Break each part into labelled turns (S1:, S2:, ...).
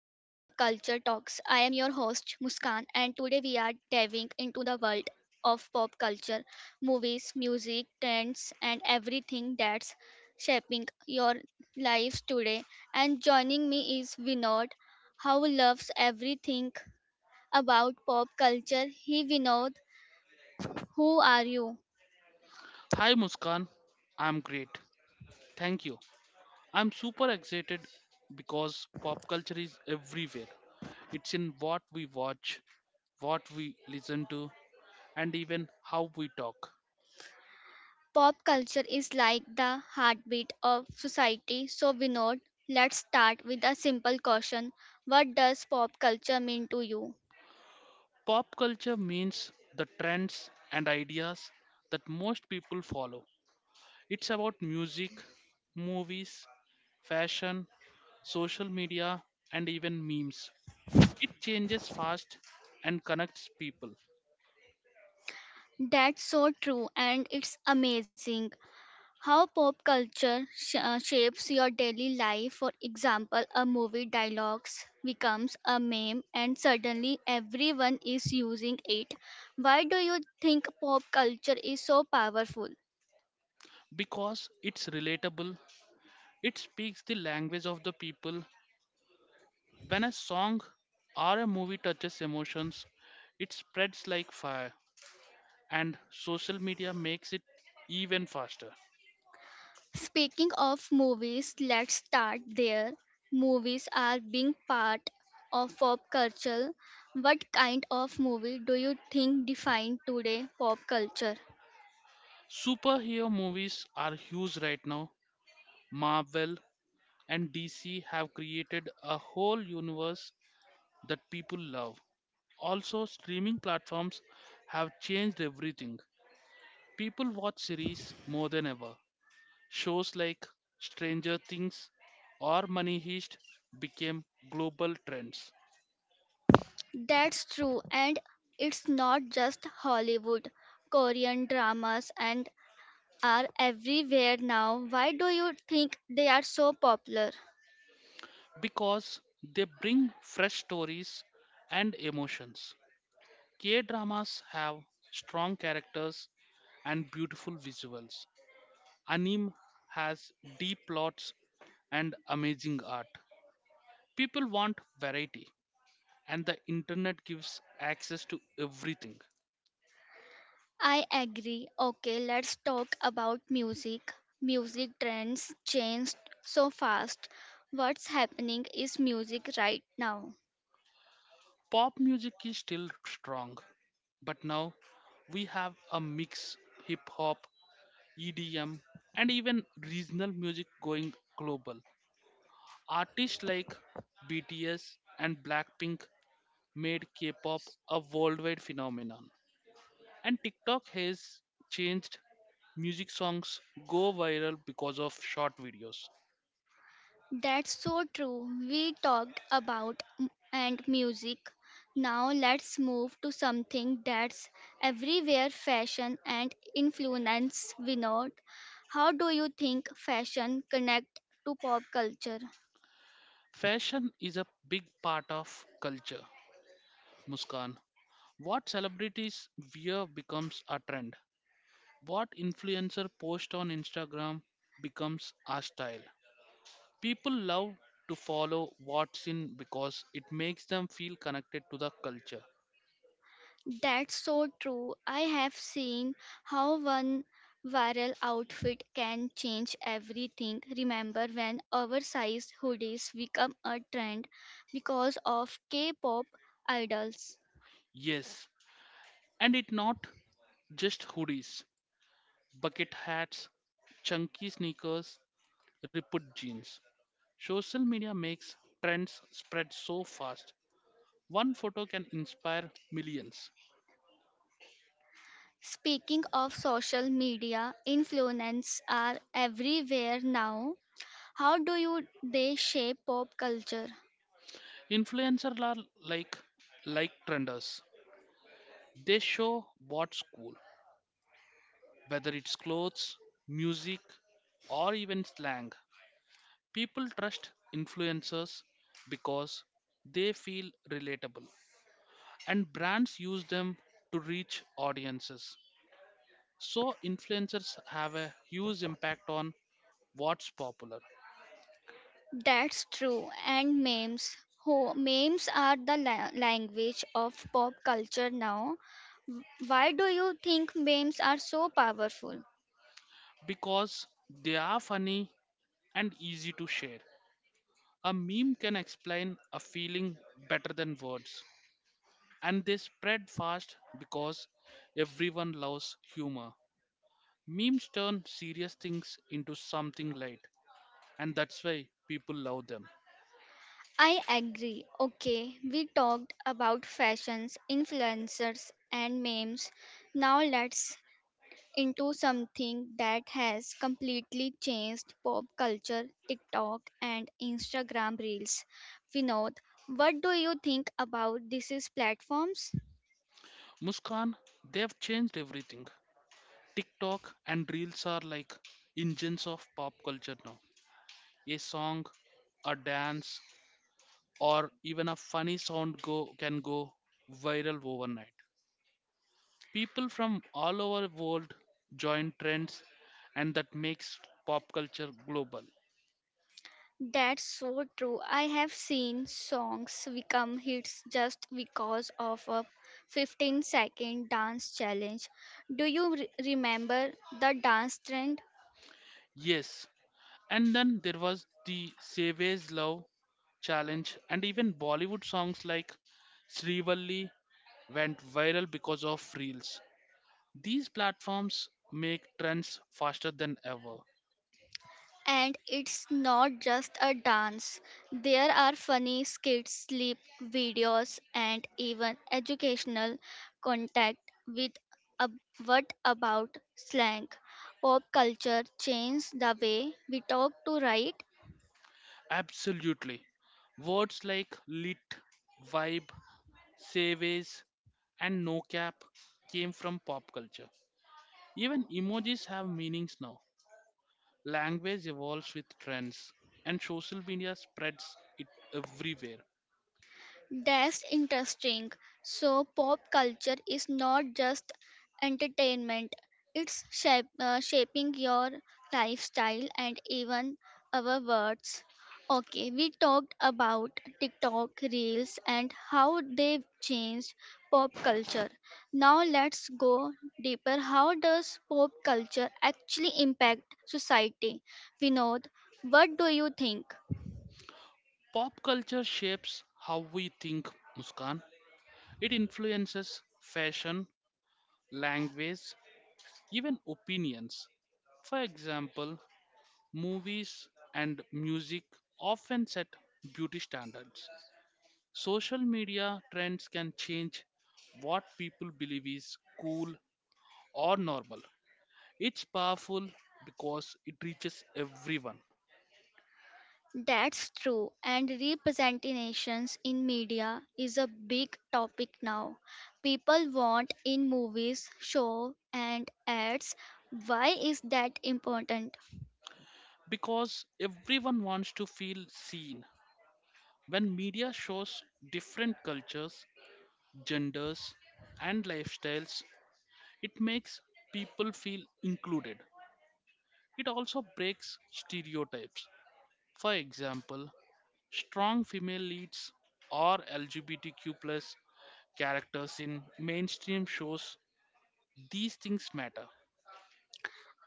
S1: I am your host Muskan and today we are diving into the world of pop culture, movies, music, trends and everything that's shaping your lives today. And joining me is Vinod, who loves everything about pop culture. He Vinod, who are you?
S2: Hi Muskan, I'm great. Thank you. I'm super excited because pop culture is everywhere. It's in what we watch, what we listen to, and even how we talk.
S1: Pop culture is like the heartbeat of society. So, Vinod, let's start with a simple question. What does pop culture mean to you?
S2: Pop culture means the trends and ideas that most people follow. It's about music, movies, fashion, social media, and even memes. It changes fast and connects people
S1: That's so true, and it's amazing how pop culture shapes your daily life. For example, a movie dialogues becomes a meme, and suddenly everyone is using it. Why do you think pop culture is so powerful?
S2: because it's relatable. It speaks the language of the people. When a song or a movie touches emotions, it spreads like fire, and social media makes it even faster.
S1: Speaking of movies, let's start there. Movies are being part of pop culture. What kind of movie do you think define today pop culture?
S2: Superhero movies are huge right now. Marvel and DC have created a whole universe that people love. Also, streaming platforms have changed everything. People watch series more than ever. Shows like Stranger Things or Money Heist became global trends
S1: That's true, and it's not just Hollywood. Korean dramas and are everywhere now. Why do you think they are so popular?
S2: because they bring fresh stories and emotions. K dramas have strong characters and beautiful visuals. Anime has deep plots and amazing art. People want variety, and the internet gives access to everything.
S1: I agree. Okay, let's talk about music. Music trends changed so fast. What's happening is music right now.
S2: Pop music is still strong, but now we have a mix: hip hop, EDM, and even regional music going global. Artists like BTS and Blackpink made K-pop a worldwide phenomenon. And TikTok has changed music: songs go viral because of short videos.
S1: That's so true. We talked about and music. Now let's move to something that's everywhere fashion and influence we know. How do you think fashion connect to pop culture?
S2: Fashion is a big part of culture. Muskan, what celebrities wear becomes a trend. What influencer post on Instagram becomes our style. People love to follow what's in because it makes them feel connected to the culture.
S1: That's so true. I have seen how one viral outfit can change everything. Remember when oversized hoodies become a trend because of K pop idols?
S2: Yes, and it not just hoodies, bucket hats, chunky sneakers, ripped jeans. Social media makes trends spread so fast. One photo can inspire millions.
S1: Speaking of social media, influencers are everywhere now. How do you they shape pop culture?
S2: Influencers are like like trenders. They show what's cool, whether it's clothes, music, or even slang, people trust influencers because they feel relatable, and brands use them to reach audiences. So, influencers have a huge impact on what's popular
S1: That's true. And memes. Memes are the language of pop culture now. Why do you think memes are so powerful?
S2: because they are funny and easy to share. A meme can explain a feeling better than words, and they spread fast because everyone loves humor. Memes turn serious things into something light, and that's why people love them.
S1: I agree. Okay, we talked about fashions, influencers, and memes. Now let's into something that has completely changed pop culture TikTok and Instagram Reels. Vinod, what do you think about these platforms?
S2: Muskan, they've changed everything. TikTok and Reels are like engines of pop culture now. A song, a dance, or even a funny sound go can go viral overnight. People from all over the world join trends, and that makes pop culture global.
S1: That's so true. I have seen songs become hits just because of a 15-second dance challenge. Do you remember the dance trend?
S2: Yes, and then there was the Savage Love challenge, and even Bollywood songs like Srivalli went viral because of Reels. These platforms make trends faster than ever.
S1: And it's not just a dance, there are funny skits, sleep videos, and even educational contact with ab- what about slang. Pop culture changed the way we talk to write.
S2: Absolutely. Words like lit, vibe, savage, and no cap came from pop culture. Even emojis have meanings now. Language evolves with trends, and social media spreads it everywhere.
S1: That's interesting. So, pop culture is not just entertainment, it's shaping your lifestyle and even our words. Okay, we talked about TikTok reels and how they've changed pop culture. Now, let's go deeper. How does pop culture actually impact society? Vinod, what do you think?
S2: Pop culture shapes how we think, Muskan. It influences fashion, language, even opinions. For example, movies and music often set beauty standards. Social media trends can change what people believe is cool or normal. It's powerful because it reaches everyone,
S1: That's true, and representations in media is a big topic now. People want in movies, show, and ads. Why is that important?
S2: because everyone wants to feel seen. When media shows different cultures, genders, and lifestyles, it makes people feel included. It also breaks stereotypes. For example, strong female leads or LGBTQ plus characters in mainstream shows, these things matter.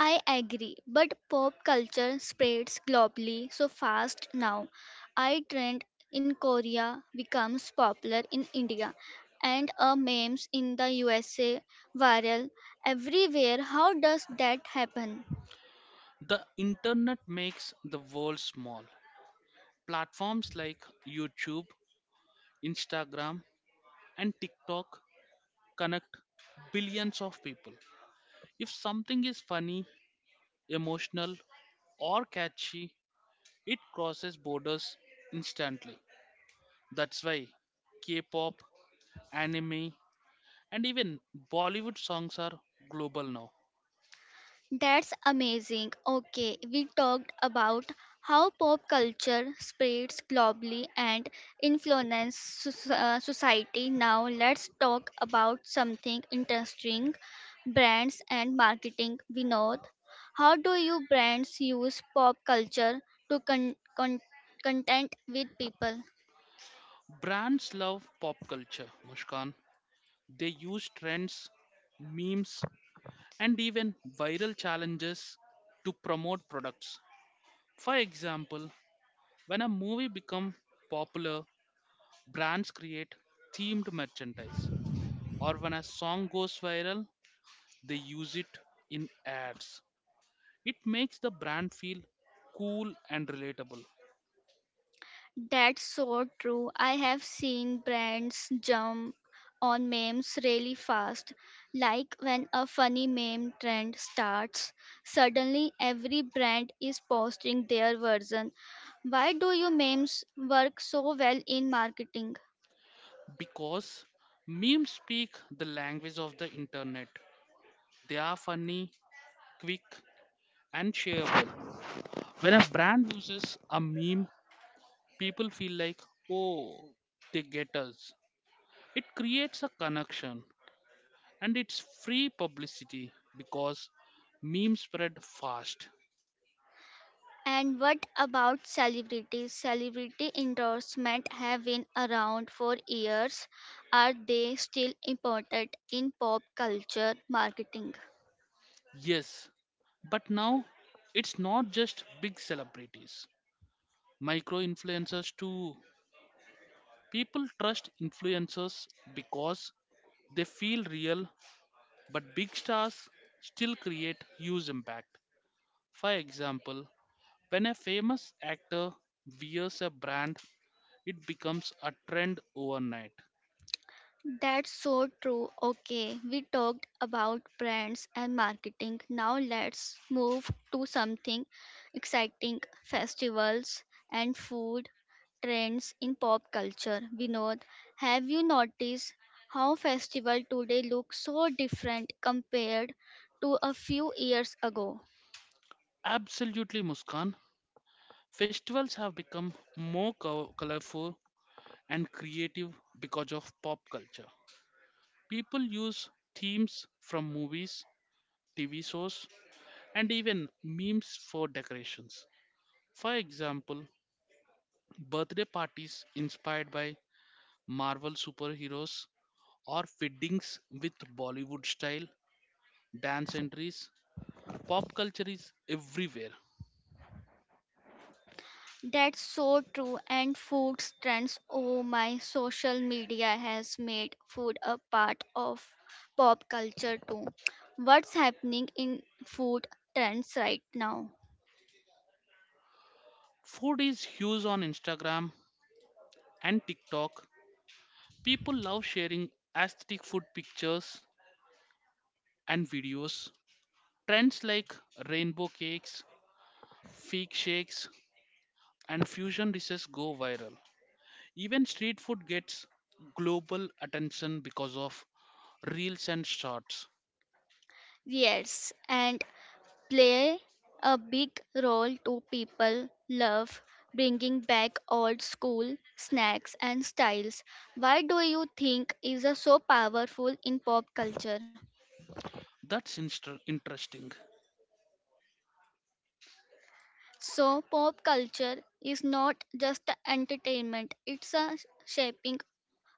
S1: I agree, but pop culture spreads globally so fast now. I trend in Korea becomes popular in India, and a memes in the USA viral everywhere. How does that happen?
S2: The internet makes the world small. Platforms like YouTube, Instagram, and TikTok connect billions of people. If something is funny, emotional, or catchy, it crosses borders instantly. That's why K pop, anime, and even Bollywood songs are global now.
S1: That's amazing. Okay, we talked about how pop culture spreads globally and influences society. Now, let's talk about something interesting brands and marketing. Vinod, how do you brands use pop culture to content with people?
S2: Brands love pop culture, Mushkan. They use trends, memes, and even viral challenges to promote products. For example, when a movie becomes popular, brands create themed merchandise, or when a song goes viral, they use it in ads. It makes the brand feel cool and relatable
S1: That's so true. I have seen brands jump on memes really fast. Like when a funny meme trend starts, suddenly every brand is posting their version. Why do you memes work so well in marketing?
S2: because memes speak the language of the internet. They are funny, quick, and shareable. When a brand uses a meme, people feel like, oh, they get us. It creates a connection, and it's free publicity because memes spread fast.
S1: And what about celebrities? Celebrity endorsement have been around for years. Are they still important in pop culture marketing?
S2: Yes, but now it's not just big celebrities, micro influencers too. People trust influencers because they feel real, but big stars still create huge impact. For example, when a famous actor wears a brand, it becomes a trend overnight.
S1: That's so true. Okay, we talked about brands and marketing. Now let's move to something exciting festivals and food trends in pop culture. Vinod, have you noticed how festival today look so different compared to a few years ago?
S2: Absolutely, Muskan. Festivals have become more colorful and creative because of pop culture. People use themes from movies, TV shows, and even memes for decorations. For example, birthday parties inspired by Marvel superheroes or weddings with Bollywood style dance entries. Pop culture is everywhere.
S1: That's so true. And food trends. Oh my, social media has made food a part of pop culture too. What's happening in food trends right now?
S2: Food is huge on Instagram and TikTok. People love sharing aesthetic food pictures and videos. Trends like rainbow cakes, fig shakes, and fusion dishes go viral. Even street food gets global attention because of reels and shorts.
S1: Yes, and play a big role to people love bringing back old school snacks and styles. Why do you think is a so powerful in pop culture?
S2: That's interesting.
S1: So, pop culture is not just entertainment, it's a shaping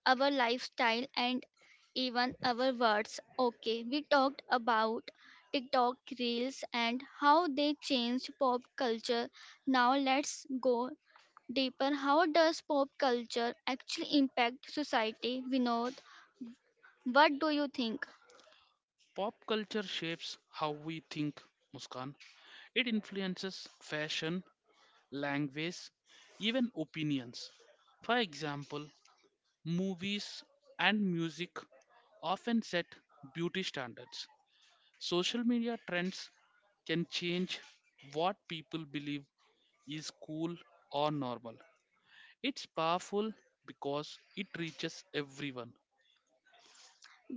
S1: our lifestyle and even our words. Okay, we talked about TikTok reels and how they changed pop culture. Now, let's go deeper. How does pop culture actually impact society? Vinod, what do you think?
S2: Pop culture shapes how we think, Muskan. It influences fashion, language, even opinions. For example, movies, and music often set beauty standards. Social media trends can change what people believe is cool or normal. It's powerful because it reaches everyone,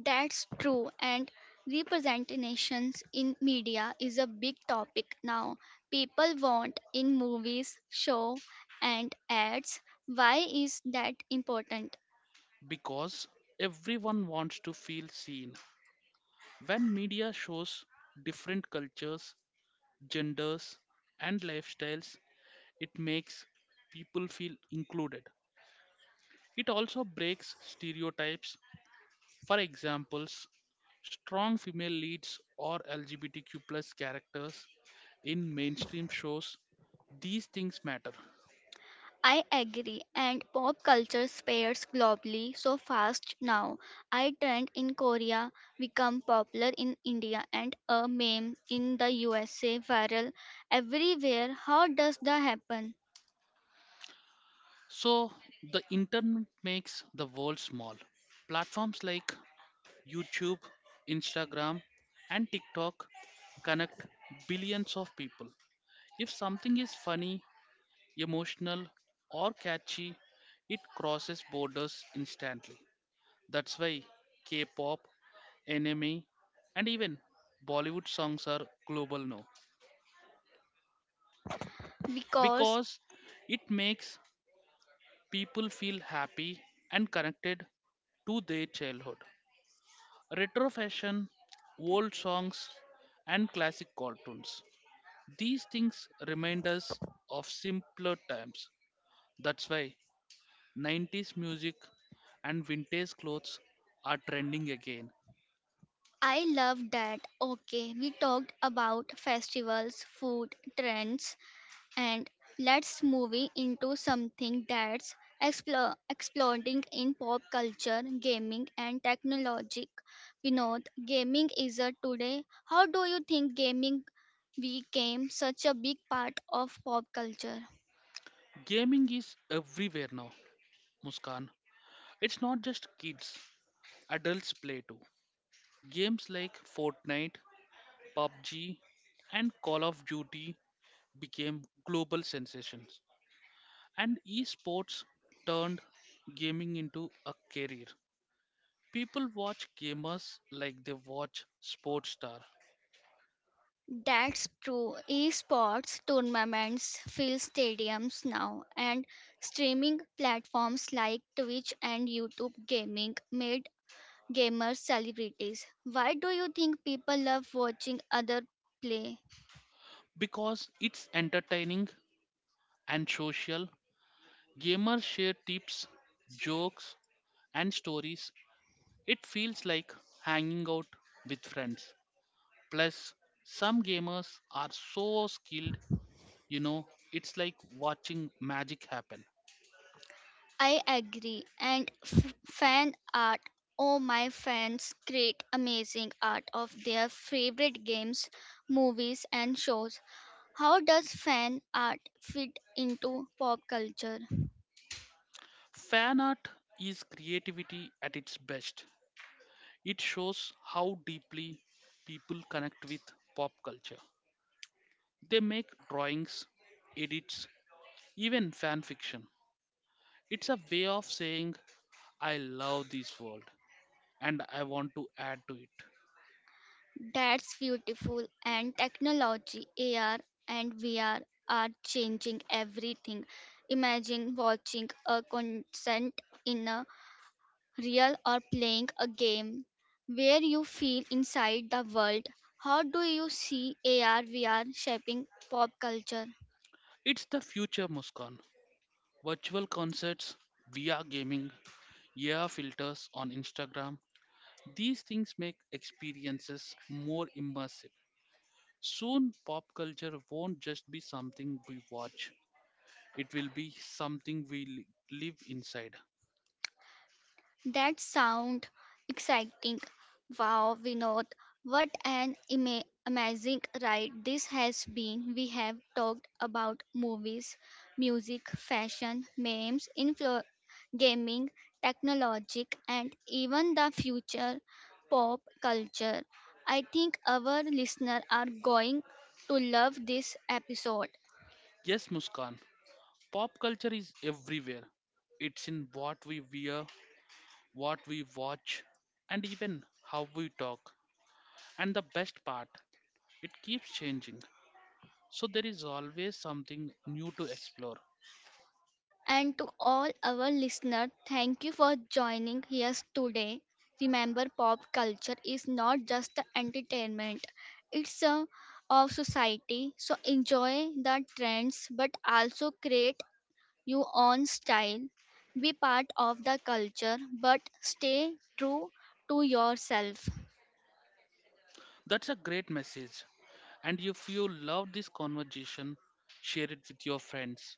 S1: That's true, and representations in media is a big topic now. People want in movies, show, and ads. Why is that important?
S2: because everyone wants to feel seen. When media shows different cultures, genders, and lifestyles, it makes people feel included. It also breaks stereotypes. For examples, strong female leads or LGBTQ plus characters in mainstream shows, these things matter.
S1: I agree, and pop culture spreads globally so fast now. I trend in Korea become popular in India, and a meme in the USA viral everywhere. How does that happen?
S2: So the internet makes the world small. Platforms like YouTube, Instagram, and TikTok connect billions of people. If something is funny, emotional, or catchy, it crosses borders instantly. That's why K pop, anime, and even Bollywood songs are global now
S1: Because
S2: because it makes people feel happy and connected to their childhood. Retro fashion, old songs, and classic cartoons. These things remind us of simpler times. That's why 90s music and vintage clothes are trending again.
S1: I love that. Okay, we talked about festivals, food, trends, and let's move it into something that's exploding in pop culture, gaming, and technology. Vinod, gaming is a today. How do you think gaming became such a big part of pop culture?
S2: Gaming is everywhere now, Muskan. It's not just kids, adults play too. Games like Fortnite, PUBG, and Call of Duty became global sensations, and esports turned gaming into a career. People watch gamers like they watch sports star
S1: That's true. Esports tournaments fill stadiums now, and streaming platforms like Twitch and YouTube Gaming made gamers celebrities. Why do you think people love watching other play?
S2: because it's entertaining and social. Gamers share tips, jokes, and stories. It feels like hanging out with friends. Plus, some gamers are so skilled, you know, it's like watching magic happen.
S1: I agree. And fan art. Oh, my fans create amazing art of their favorite games, movies, and shows. How does fan art fit into pop culture?
S2: Fan art is creativity at its best. It shows how deeply people connect with pop culture. They make drawings, edits, even fan fiction. It's a way of saying, I love this world and I want to add to it.
S1: That's beautiful. And technology, AR and VR are changing everything. Imagine watching a concert in a real or playing a game where you feel inside the world. How do you see AR VR shaping pop culture?
S2: It's the future, Muskan. Virtual concerts, VR gaming, yeah filters on Instagram. These things make experiences more immersive. Soon, pop culture won't just be something we watch, it will be something live inside.
S1: That sound exciting. Wow, Vinod, what an amazing ride this has been. We have talked about movies, music, fashion, memes, gaming, technology, and even the future pop culture. I think our listeners are going to love this episode.
S2: Yes, Muskan, pop culture is everywhere. It's in what we wear, what we watch, and even how we talk. And the best part, it keeps changing. So there is always something new to explore.
S1: And to all our listeners, thank you for joining us today. Remember, pop culture is not just the entertainment, it's a of society. So enjoy the trends, but also create your own style. Be part of the culture, but stay true to yourself.
S2: That's a great message. And if you love this conversation, share it with your friends.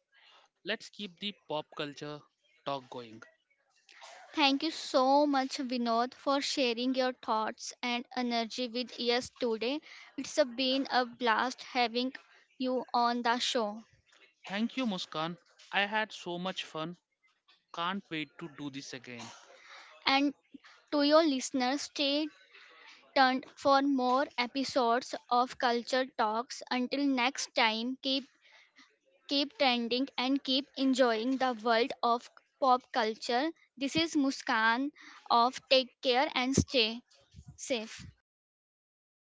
S2: Let's keep the pop culture talk going.
S1: Thank you so much, Vinod, for sharing your thoughts and energy with us today. Been a blast having you on the show.
S2: Thank you, Muskan. I had so much fun. Can't wait to do this again.
S1: And to your listeners, stay tuned for more episodes of Culture Talks. Until next time, keep trending and keep enjoying the world of pop culture. This is Muskan of Take Care and Stay Safe.